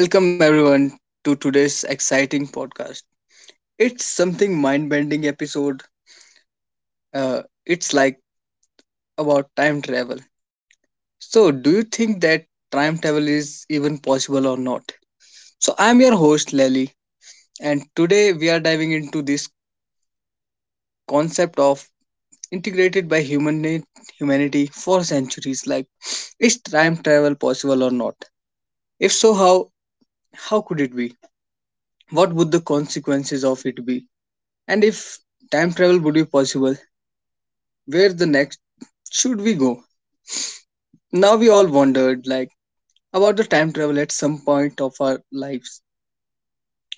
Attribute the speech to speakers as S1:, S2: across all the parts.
S1: Welcome everyone to today's exciting podcast. It's something mind-bending episode. It's like about time travel. So, do you think that time travel is even possible or not? So, I'm your host Lally, and today we are diving into this concept of integrated by humanity for centuries. Like, is time travel possible or not? If so, how could it be? What would the consequences of it be? And if time travel would be possible where the next should we go? Now we all wondered like about the time travel at some point of our lives,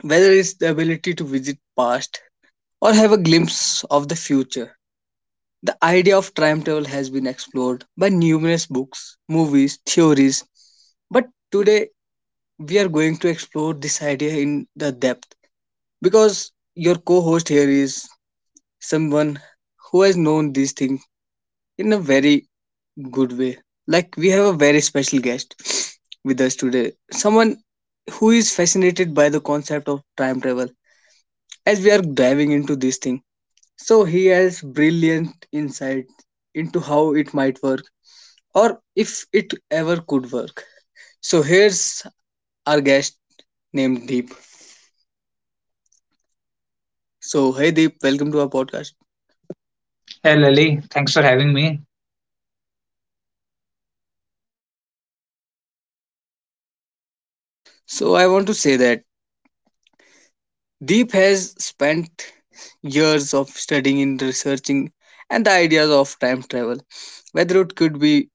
S1: whether it's the ability to visit past or have a glimpse of the future. The idea of time travel has been explored by numerous books, movies, theories, but today we are going to explore this idea in the depth because your co-host here is someone who has known these things in a very good way. Like, we have a very special guest with us today, someone who is fascinated by the concept of time travel as we are diving into this thing. So, he has brilliant insight into how it might work or if it ever could work. So, here's our guest named Deep. So, hey Deep, welcome to our podcast.
S2: Hey Lily, thanks for having me.
S1: So, I want to say that Deep has spent years of studying and researching and the ideas of time travel. Whether it could be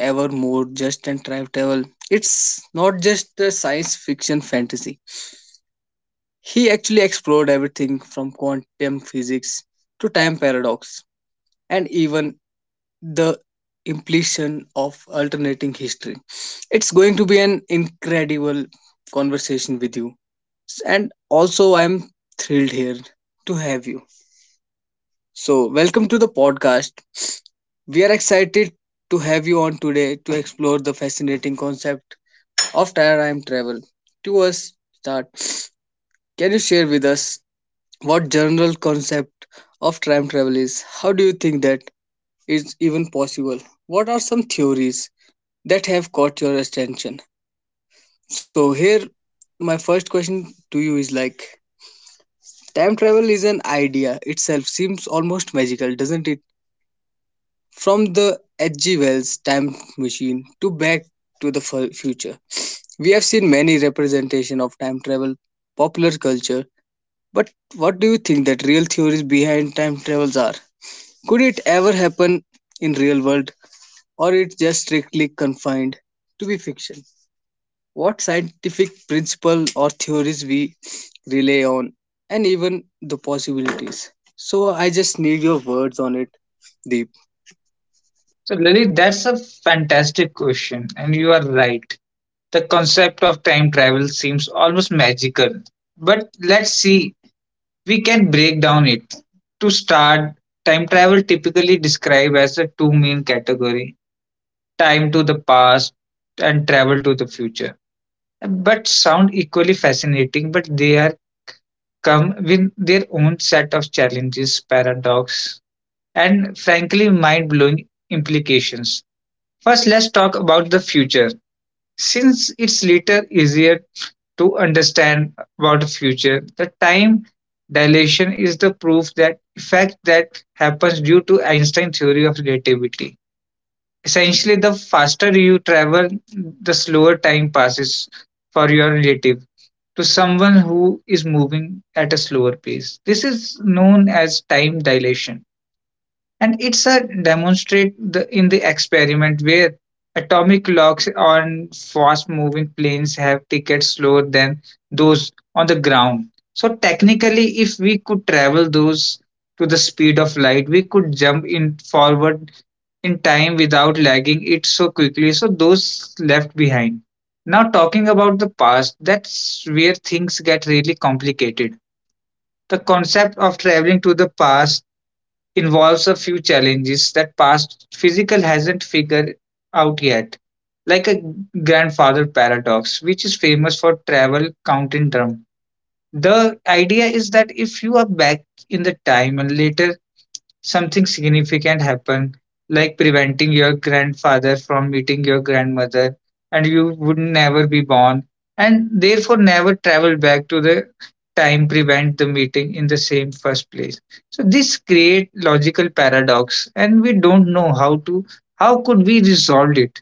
S1: ever more just and time travel, it's not just a science fiction fantasy. He actually explored everything from quantum physics to time paradox and even the implication of alternating history. It's going to be an incredible conversation with you. And also, I'm thrilled here to have you. So, welcome to the podcast. We are excited to have you on today to explore the fascinating concept of time travel. To us, start. Can you share with us what general concept of time travel is? How do you think that is even possible? What are some theories that have caught your attention? So, here my first question to you is like time travel is an idea itself seems almost magical doesn't it from the H.G. Wells time machine to back to the future. We have seen many representation of time travel popular culture, but what do you think that real theories behind time travels are? Could it ever happen in real world or it just strictly confined to be fiction? What scientific principle or theories we rely on and even the possibilities. So I just need your words on it, Deep.
S2: So Lily, that's a fantastic question, and you are right. The concept of time travel seems almost magical. But let's see, we can break down it. To start, time travel typically described as the two main category, time to the past and travel to the future. But sound equally fascinating, but they are come with their own set of challenges, paradox, and frankly mind-blowing implications. First, let's talk about the future. Since it's little easier to understand about the future, the time dilation is the proof that effect that happens due to Einstein's theory of relativity. Essentially, the faster you travel, the slower time passes for your relative to someone who is moving at a slower pace. This is known as time dilation and it's a demonstrate in the experiment where atomic locks on fast moving planes have tickets slower than those on the ground. So technically if we could travel those to the speed of light, we could jump in forward in time without lagging it so quickly so those left behind. Now talking about the past, that's where things get really complicated. The concept of traveling to the past involves a few challenges that past physical hasn't figured out yet, like a grandfather paradox, which is famous for travel counting drum. The idea is that if you are back in the time and later something significant happen, like preventing your grandfather from meeting your grandmother, and you would never be born, and therefore never travel back to the time prevent the meeting in the same first place. So this create logical paradox, and we don't know how could we resolve it.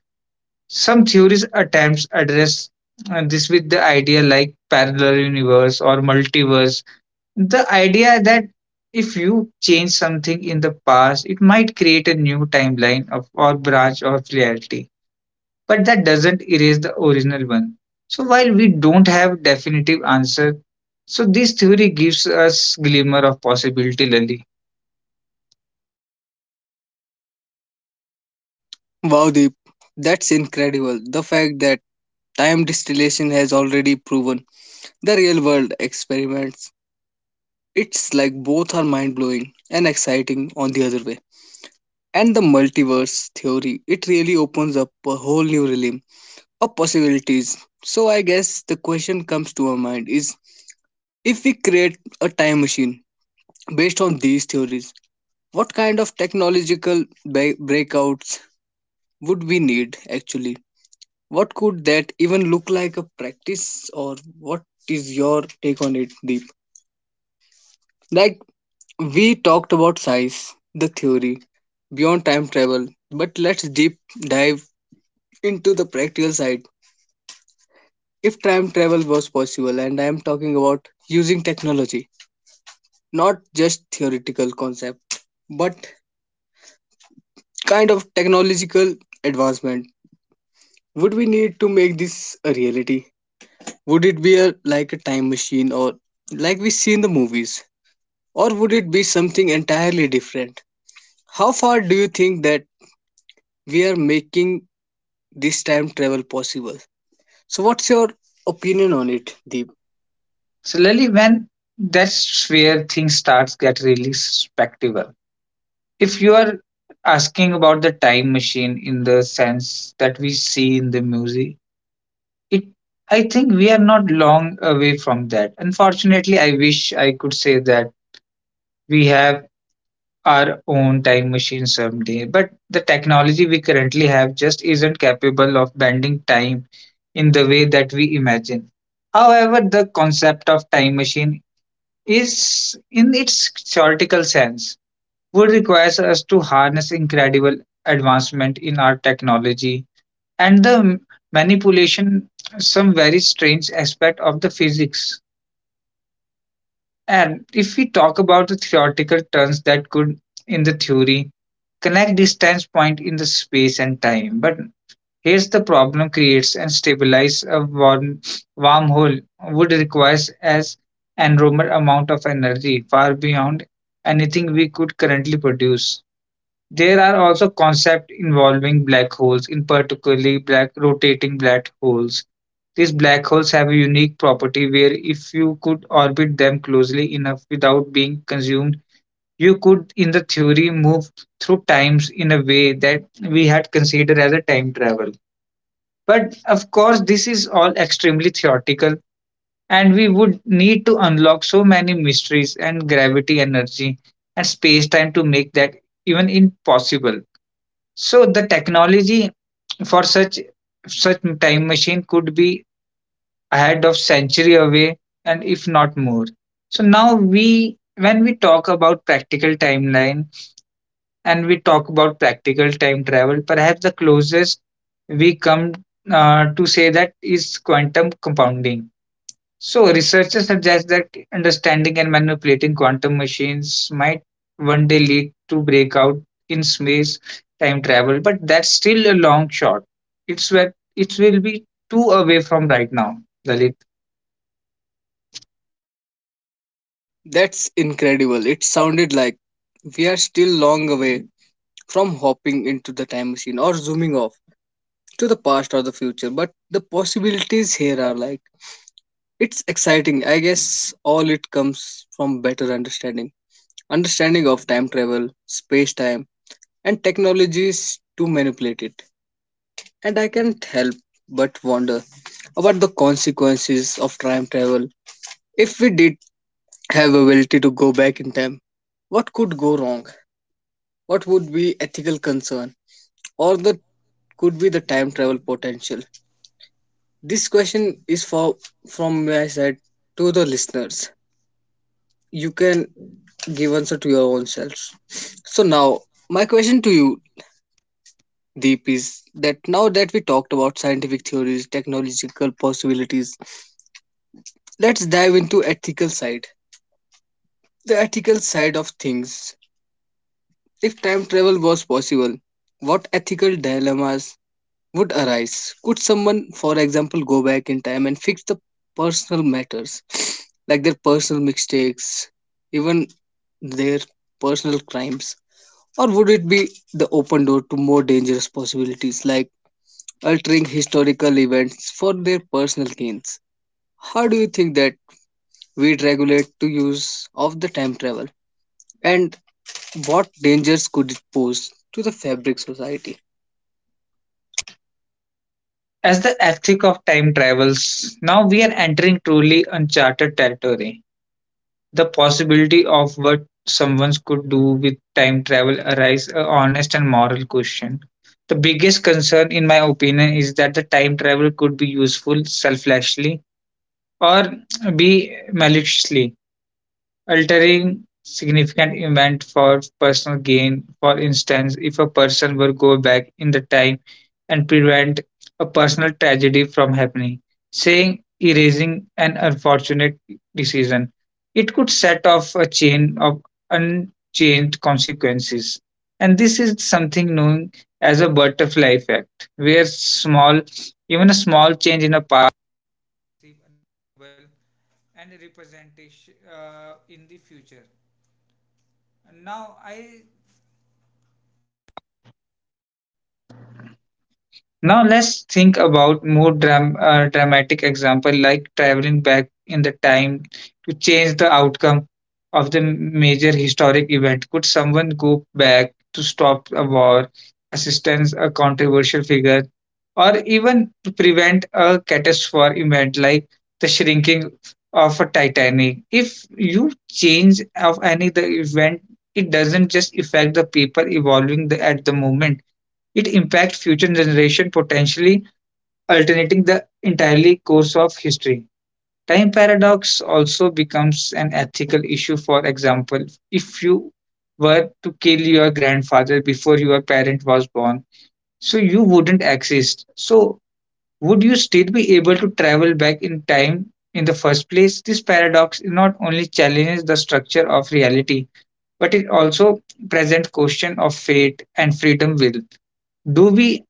S2: Some theories attempts address this with the idea like parallel universe or multiverse, the idea that if you change something in the past, it might create a new timeline of or branch of reality, but that doesn't erase the original one. So while we don't have definitive answer, so this theory gives us glimmer of possibility, Lali.
S1: Wow, Deep, that's incredible. The fact that time distillation has already proven the real world experiments. It's like both are mind blowing and exciting on the other way. And the multiverse theory, it really opens up a whole new realm of possibilities. So, I guess the question comes to our mind is if we create a time machine based on these theories, what kind of technological breakouts would we need actually? What could that even look like a practice or what is your take on it, Deep? Like we talked about science, the theory, beyond time travel, but let's deep dive into the practical side. If time travel was possible, and I am talking about using technology, not just theoretical concept, but kind of technological advancement. Would we need to make this a reality? Would it be like a time machine or like we see in the movies? Or would it be something entirely different? How far do you think that we are making this time travel possible? So, what's your opinion on it, Deep?
S2: So Lali, when that's where things starts get really spectacular. If you are asking about the time machine in the sense that we see in the music, it I think we are not long away from that. Unfortunately, I wish I could say that we have our own time machine someday, but the technology we currently have just isn't capable of bending time in the way that we imagine. However, the concept of time machine is in its theoretical sense would require us to harness incredible advancement in our technology and the manipulation some very strange aspect of the physics. And if we talk about the theoretical terms that could in the theory connect distance point in the space and time, but here's the problem. Creates and stabilize a wormhole would requires as enormous amount of energy far beyond anything we could currently produce. There are also concepts involving black holes, in particularly black rotating black holes. These black holes have a unique property where if you could orbit them closely enough without being consumed, you could, in the theory, move through times in a way that we had considered as a time travel. But of course, this is all extremely theoretical, and we would need to unlock so many mysteries and gravity energy and space time to make that even impossible. So the technology for such time machine could be ahead of century away, and if not more. So now we when we talk about practical timeline and we talk about practical time travel, perhaps the closest we come to say that is quantum compounding. So, researchers suggest that understanding and manipulating quantum machines might one day lead to breakout in space time travel, but that's still a long shot. It's where it will be too away from right now, Lalit.
S1: That's incredible. It sounded like we are still long away from hopping into the time machine or zooming off to the past or the future, but the possibilities here are like it's exciting. I guess all it comes from better understanding of time travel, space time, and technologies to manipulate it. And I can't help but wonder about the consequences of time travel. If we did have ability to go back in time, what could go wrong? What would be ethical concern, or the could be the time travel potential? This question is for from my side to the listeners. You can give answer to your own selves. So now, my question to you, Deep, is that now that we talked about scientific theories, technological possibilities, let's dive into ethical side. The ethical side of things. If time travel was possible, what ethical dilemmas would arise? Could someone, for example, go back in time and fix the personal matters, like their personal mistakes, even their personal crimes? Or would it be the open door to more dangerous possibilities, like altering historical events for their personal gains? How do you think that we'd regulate to use of the time travel? And what dangers could it pose to the fabric society.
S2: As the ethic of time travels, now we are entering truly uncharted territory. The possibility of what someone could do with time travel arises a honest and moral question. The biggest concern, in my opinion, is that the time travel could be useful selflessly or be maliciously altering significant event for personal gain. For instance, if a person were go back in the time and prevent a personal tragedy from happening, saying erasing an unfortunate decision, it could set off a chain of unchanged consequences. And this is something known as a butterfly effect, where small, even a small change in a. Now let's think about more dramatic example like traveling back in the time to change the outcome of the major historic event. Could someone go back to stop a war, assistance a controversial figure, or even to prevent a catastrophic event like the shrinking of a Titanic? If you change of any the event, it doesn't just affect the people evolving at the moment. It impacts future generations, potentially alternating the entirely course of history. Time paradox also becomes an ethical issue. For example, if you were to kill your grandfather before your parent was born, so you wouldn't exist. So, would you still be able to travel back in time in the first place? This paradox not only challenges the structure of reality, but it also presents question of fate and freedom will. Do we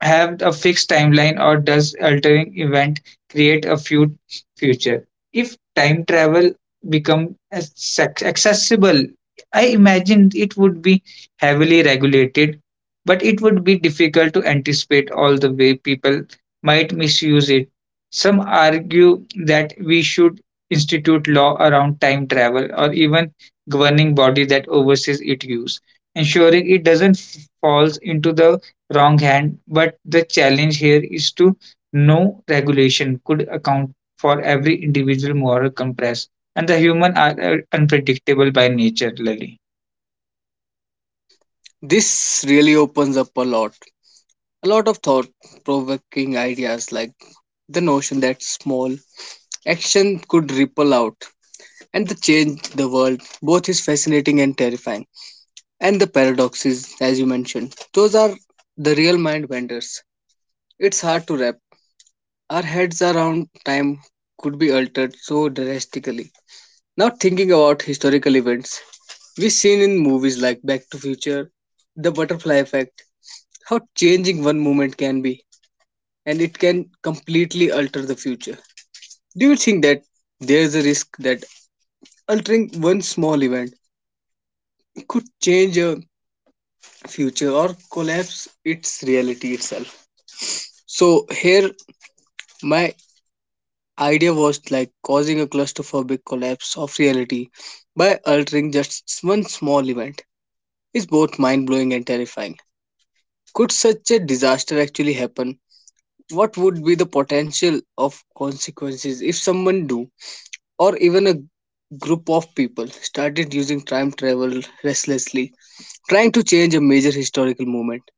S2: have a fixed timeline or does altering event create a few future if time travel become accessible? I imagine it would be heavily regulated, but it would be difficult to anticipate all the way people might misuse it. Some argue that we should institute law around time travel or even governing body that oversees its use, ensuring it doesn't falls into the wrong hand, but the challenge here is to no regulation could account for every individual moral compass, and the human are unpredictable by nature, Lily.
S1: This really opens up a lot of thought provoking ideas like the notion that small action could ripple out and the change the world both is fascinating and terrifying and the paradoxes as you mentioned those are the real mind benders it's hard to wrap our heads around time could be altered so drastically. Now thinking about historical events we've seen in movies like Back to Future, The Butterfly Effect, how changing one moment can be and it can completely alter the future. Do you think that there is a risk that altering one small event could change a future or collapse its reality itself? So here my idea was like causing a claustrophobic collapse of reality by altering just one small event is both mind blowing and terrifying. Could such a disaster actually happen? What would be the potential of consequences if someone do or even a group of people started using time travel restlessly, trying to change a major historical moment?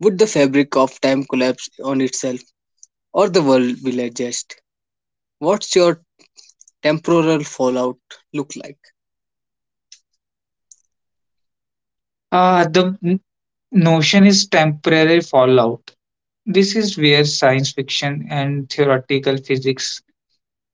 S1: Would the fabric of time collapse on itself or the world will adjust? What's your temporal fallout look like?
S2: Ah, the notion is temporary fallout. This is where science fiction and theoretical physics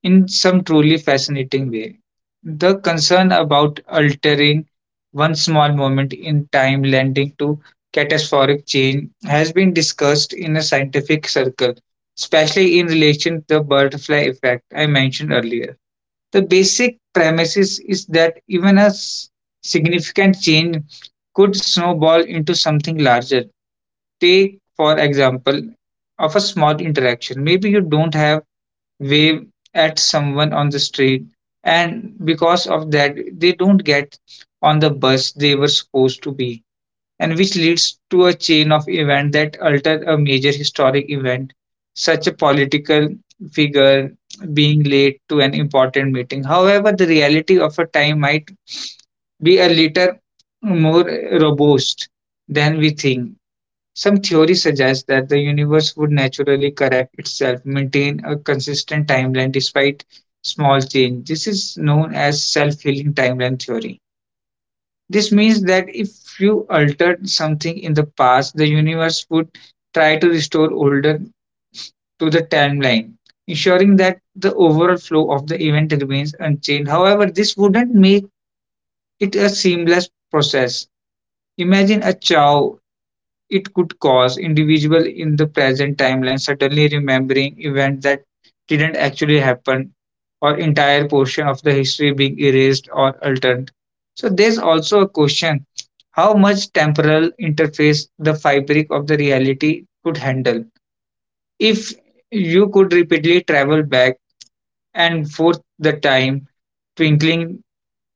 S2: in some truly fascinating way. The concern about altering one small moment in time lending to catastrophic change has been discussed in a scientific circle, especially in relation to the butterfly effect I mentioned earlier. The basic premise is that even a significant change could snowball into something larger. Take, for example, of a small interaction. Maybe you don't have wave at someone on the street, and because of that they don't get on the bus they were supposed to be, and which leads to a chain of events that alter a major historic event such a political figure being late to an important meeting. However, the reality of a time might be a little more robust than we think. Some theory suggests that the universe would naturally correct itself, maintain a consistent timeline despite small change. This is known as self-healing timeline theory. This means that if you altered something in the past, the universe would try to restore older to the timeline, ensuring that the overall flow of the event remains unchanged. However, this wouldn't make it a seamless process. Imagine a chow. It could cause individual in the present timeline suddenly remembering events that didn't actually happen or entire portion of the history being erased or altered. So there's also a question how much temporal interface the fabric of the reality could handle. If you could repeatedly travel back and forth the time, twinkling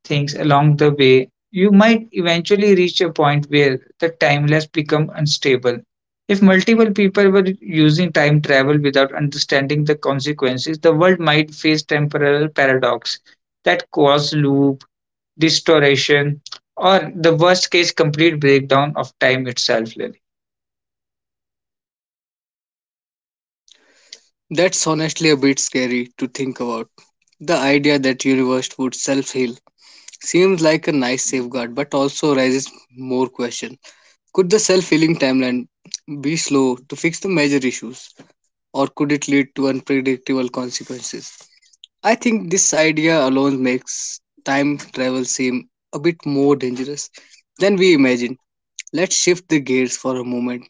S2: things along the way, you might eventually reach a point where the timeless become unstable. If multiple people were using time travel without understanding the consequences, the world might face temporal paradox that cause loop, distortion, or the worst case, complete breakdown of time itself. Lily,
S1: That's honestly a bit scary to think about. The idea that universe would self-heal seems like a nice safeguard, but also raises more questions. Could the self-healing timeline be slow to fix the major issues, or could it lead to unpredictable consequences? I think this idea alone makes time travel seem a bit more dangerous than we imagine. Let's shift the gears for a moment.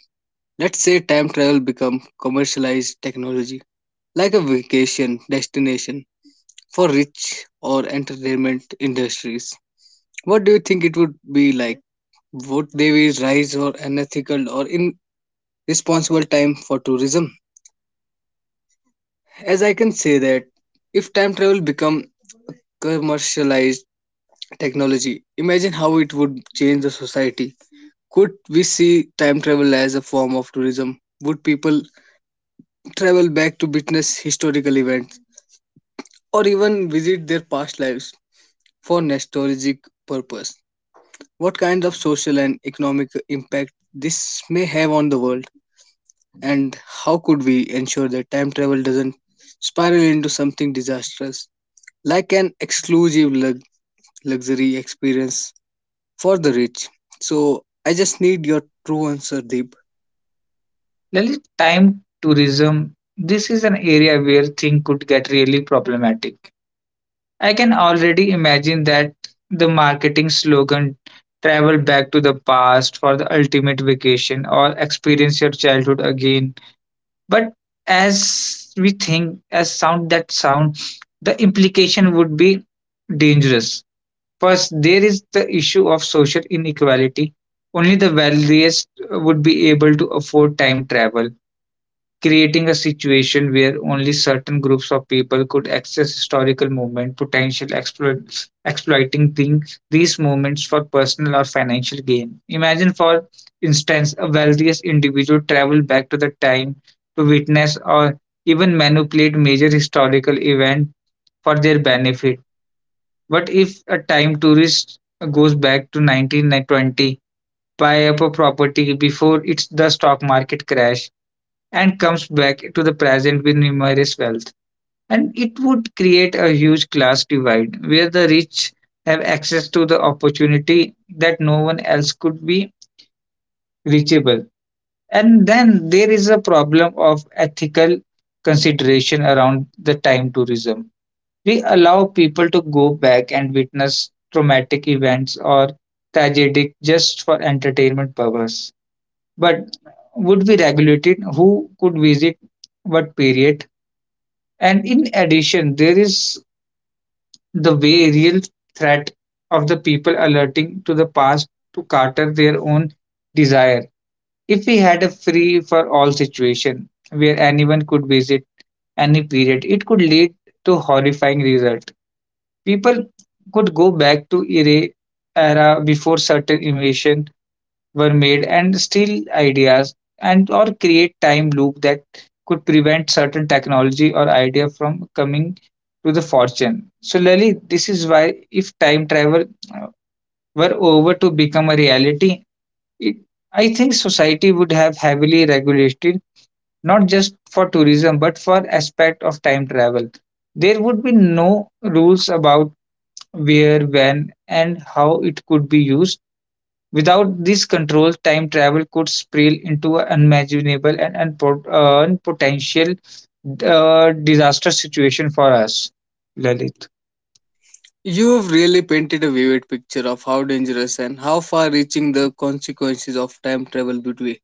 S1: Let's say time travel becomes commercialized technology, like a vacation destination for rich or entertainment industries. What do you think it would be like? Would they be rise or unethical or irresponsible time for tourism? As I can say that if time travel become commercialized technology, imagine how it would change the society. Could we see time travel as a form of tourism? Would people travel back to witness historical events or even visit their past lives for nostalgic purpose? What kind of social and economic impact this may have on the world? And how could we ensure that time travel doesn't spiral into something disastrous like an exclusive luxury experience for the rich? So, I just need your true answer, Deep.
S2: Lily, time tourism. This is an area where things could get really problematic. I can already imagine that the marketing slogan travel back to the past for the ultimate vacation or experience your childhood again. But as we think, as sound that sound, the implication would be dangerous. First, there is the issue of social inequality. Only the wealthiest would be able to afford time travel, creating a situation where only certain groups of people could access historical movement, potential exploits, exploiting these movements for personal or financial gain. Imagine, for instance, a wealthiest individual travel back to the time to witness or even manipulate major historical event for their benefit. What if a time tourist goes back to 1920, buy up a property before it's the stock market crash? And comes back to the present with numerous wealth. And it would create a huge class divide where the rich have access to the opportunity that no one else could be reachable. And then there is a problem of ethical consideration around the time tourism. We allow people to go back and witness traumatic events or tragedic just for entertainment purpose. But would be regulated who could visit what period? And in addition, there is the way real threat of the people alerting to the past to cater their own desire. If we had a free for all situation where anyone could visit any period, it could lead to horrifying result. People could go back to era before certain invasion were made and still ideas and or create time loop that could prevent certain technology or idea from coming to the fortune. So Lali, this is why if time travel uh, were over to become a reality, it, I think society would have heavily regulated not just for tourism but for aspect of time travel. There would be no rules about where, when, and how it could be used. Without these controls, time travel could spiral into unimaginable and potential disaster situation for us, Lalit.
S1: You have really painted a vivid picture of how dangerous and how far reaching the consequences of time travel would be.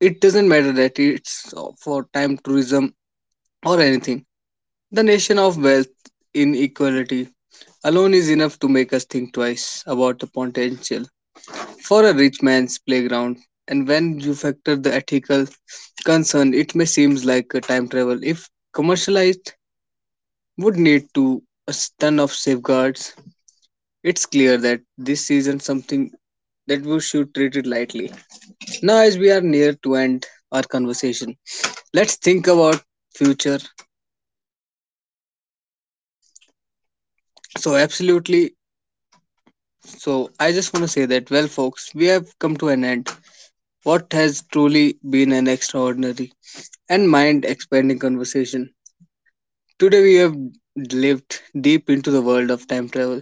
S1: It doesn't matter that it's for time tourism or anything. The nation of wealth inequality alone is enough to make us think twice about the potential for a rich man's playground. And when you factor the ethical concern, it may seem like a time travel. If commercialized, would need to a ton of safeguards. It's clear that this isn't something that we should treat it lightly. Now, as we are near to end our conversation, let's think about future. So, absolutely. So, I just want to say that, well, folks, we have come to an end. What has truly been an extraordinary and mind expanding conversation. Today we have lived deep into the world of time travel,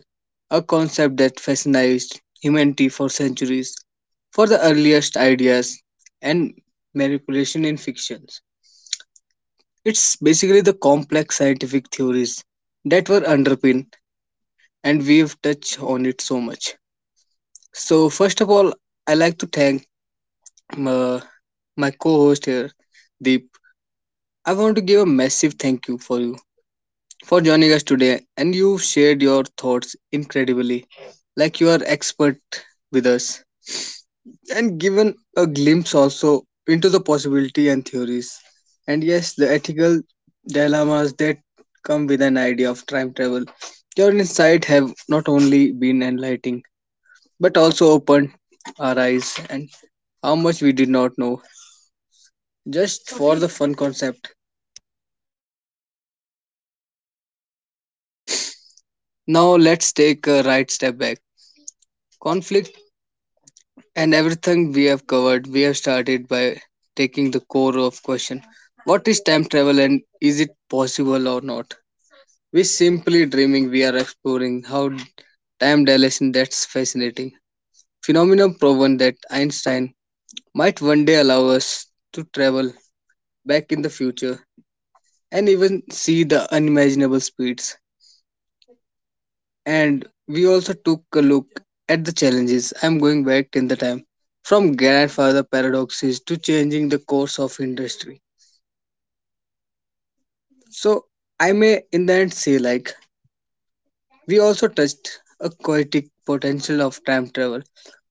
S1: a concept that fascinates humanity for centuries. For the earliest ideas and manipulation in fictions, it's basically the complex scientific theories that were underpinned, and we've touched on it so much. So first of all, I like to thank uh, my co-host here, Deep. I want to give a massive thank you for you for joining us today. And you shared your thoughts incredibly, like you are expert with us, and given a glimpse also into the possibility and theories. And yes, the ethical dilemmas that come with an idea of time travel. Your insight have not only been enlightening, but also opened our eyes and how much we did not know. Just for the fun concept. Now let's take a right step back. Conflict and everything we have covered, we have started by taking the core of question. What is time travel and is it possible or not? We simply dreaming we are exploring how time dilation that's fascinating. Phenomenon proven that Einstein might one day allow us to travel back in the future and even see the unimaginable speeds. And we also took a look at the challenges. I'm going back in the time from grandfather paradoxes to changing the course of industry. So I may in the end say like we also touched a poetic potential of time travel.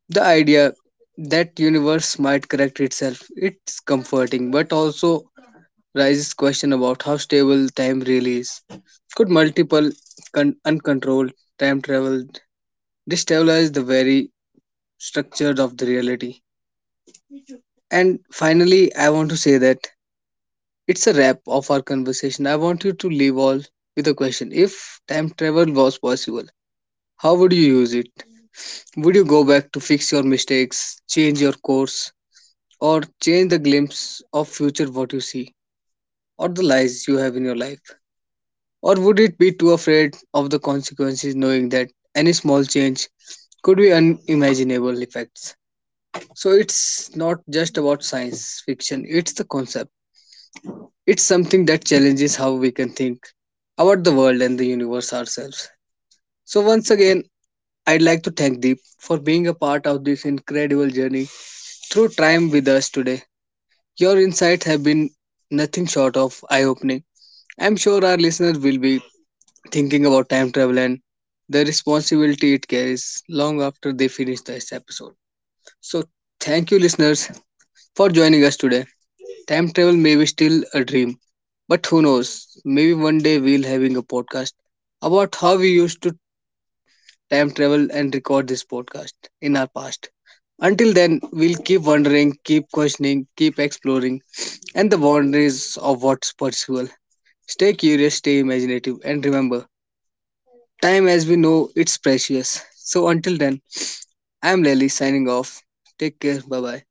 S1: The idea that universe might correct itself. It's comforting, but also raises question about how stable time really is. Could multiple uncontrolled time travel destabilize the very structured of the reality. And finally, I want to say that it's a wrap of our conversation. I want you to leave all with a question. If time travel was possible, how would you use it? Would you go back to fix your mistakes, change your course, or change the glimpse of future what you see, or the lies you have in your life? Or would it be too afraid of the consequences knowing that any small change could be unimaginable effects? So it's not just about science fiction, it's the concept. It's something that challenges how we can think about the world and the universe ourselves. So once again, I'd like to thank Deep for being a part of this incredible journey through time with us today. Your insights have been nothing short of eye-opening. I'm sure our listeners will be thinking about time travel and the responsibility it carries long after they finish this episode. So thank you listeners for joining us today. Time travel may be still a dream, but who knows? Maybe one day we'll having a podcast about how we used to time travel and record this podcast in our past. Until then, we'll keep wondering, keep questioning, keep exploring, and the boundaries of what's possible. Stay curious, stay imaginative, and remember, time as we know it's precious. So until then, I'm Lely signing off. Take care. Bye bye.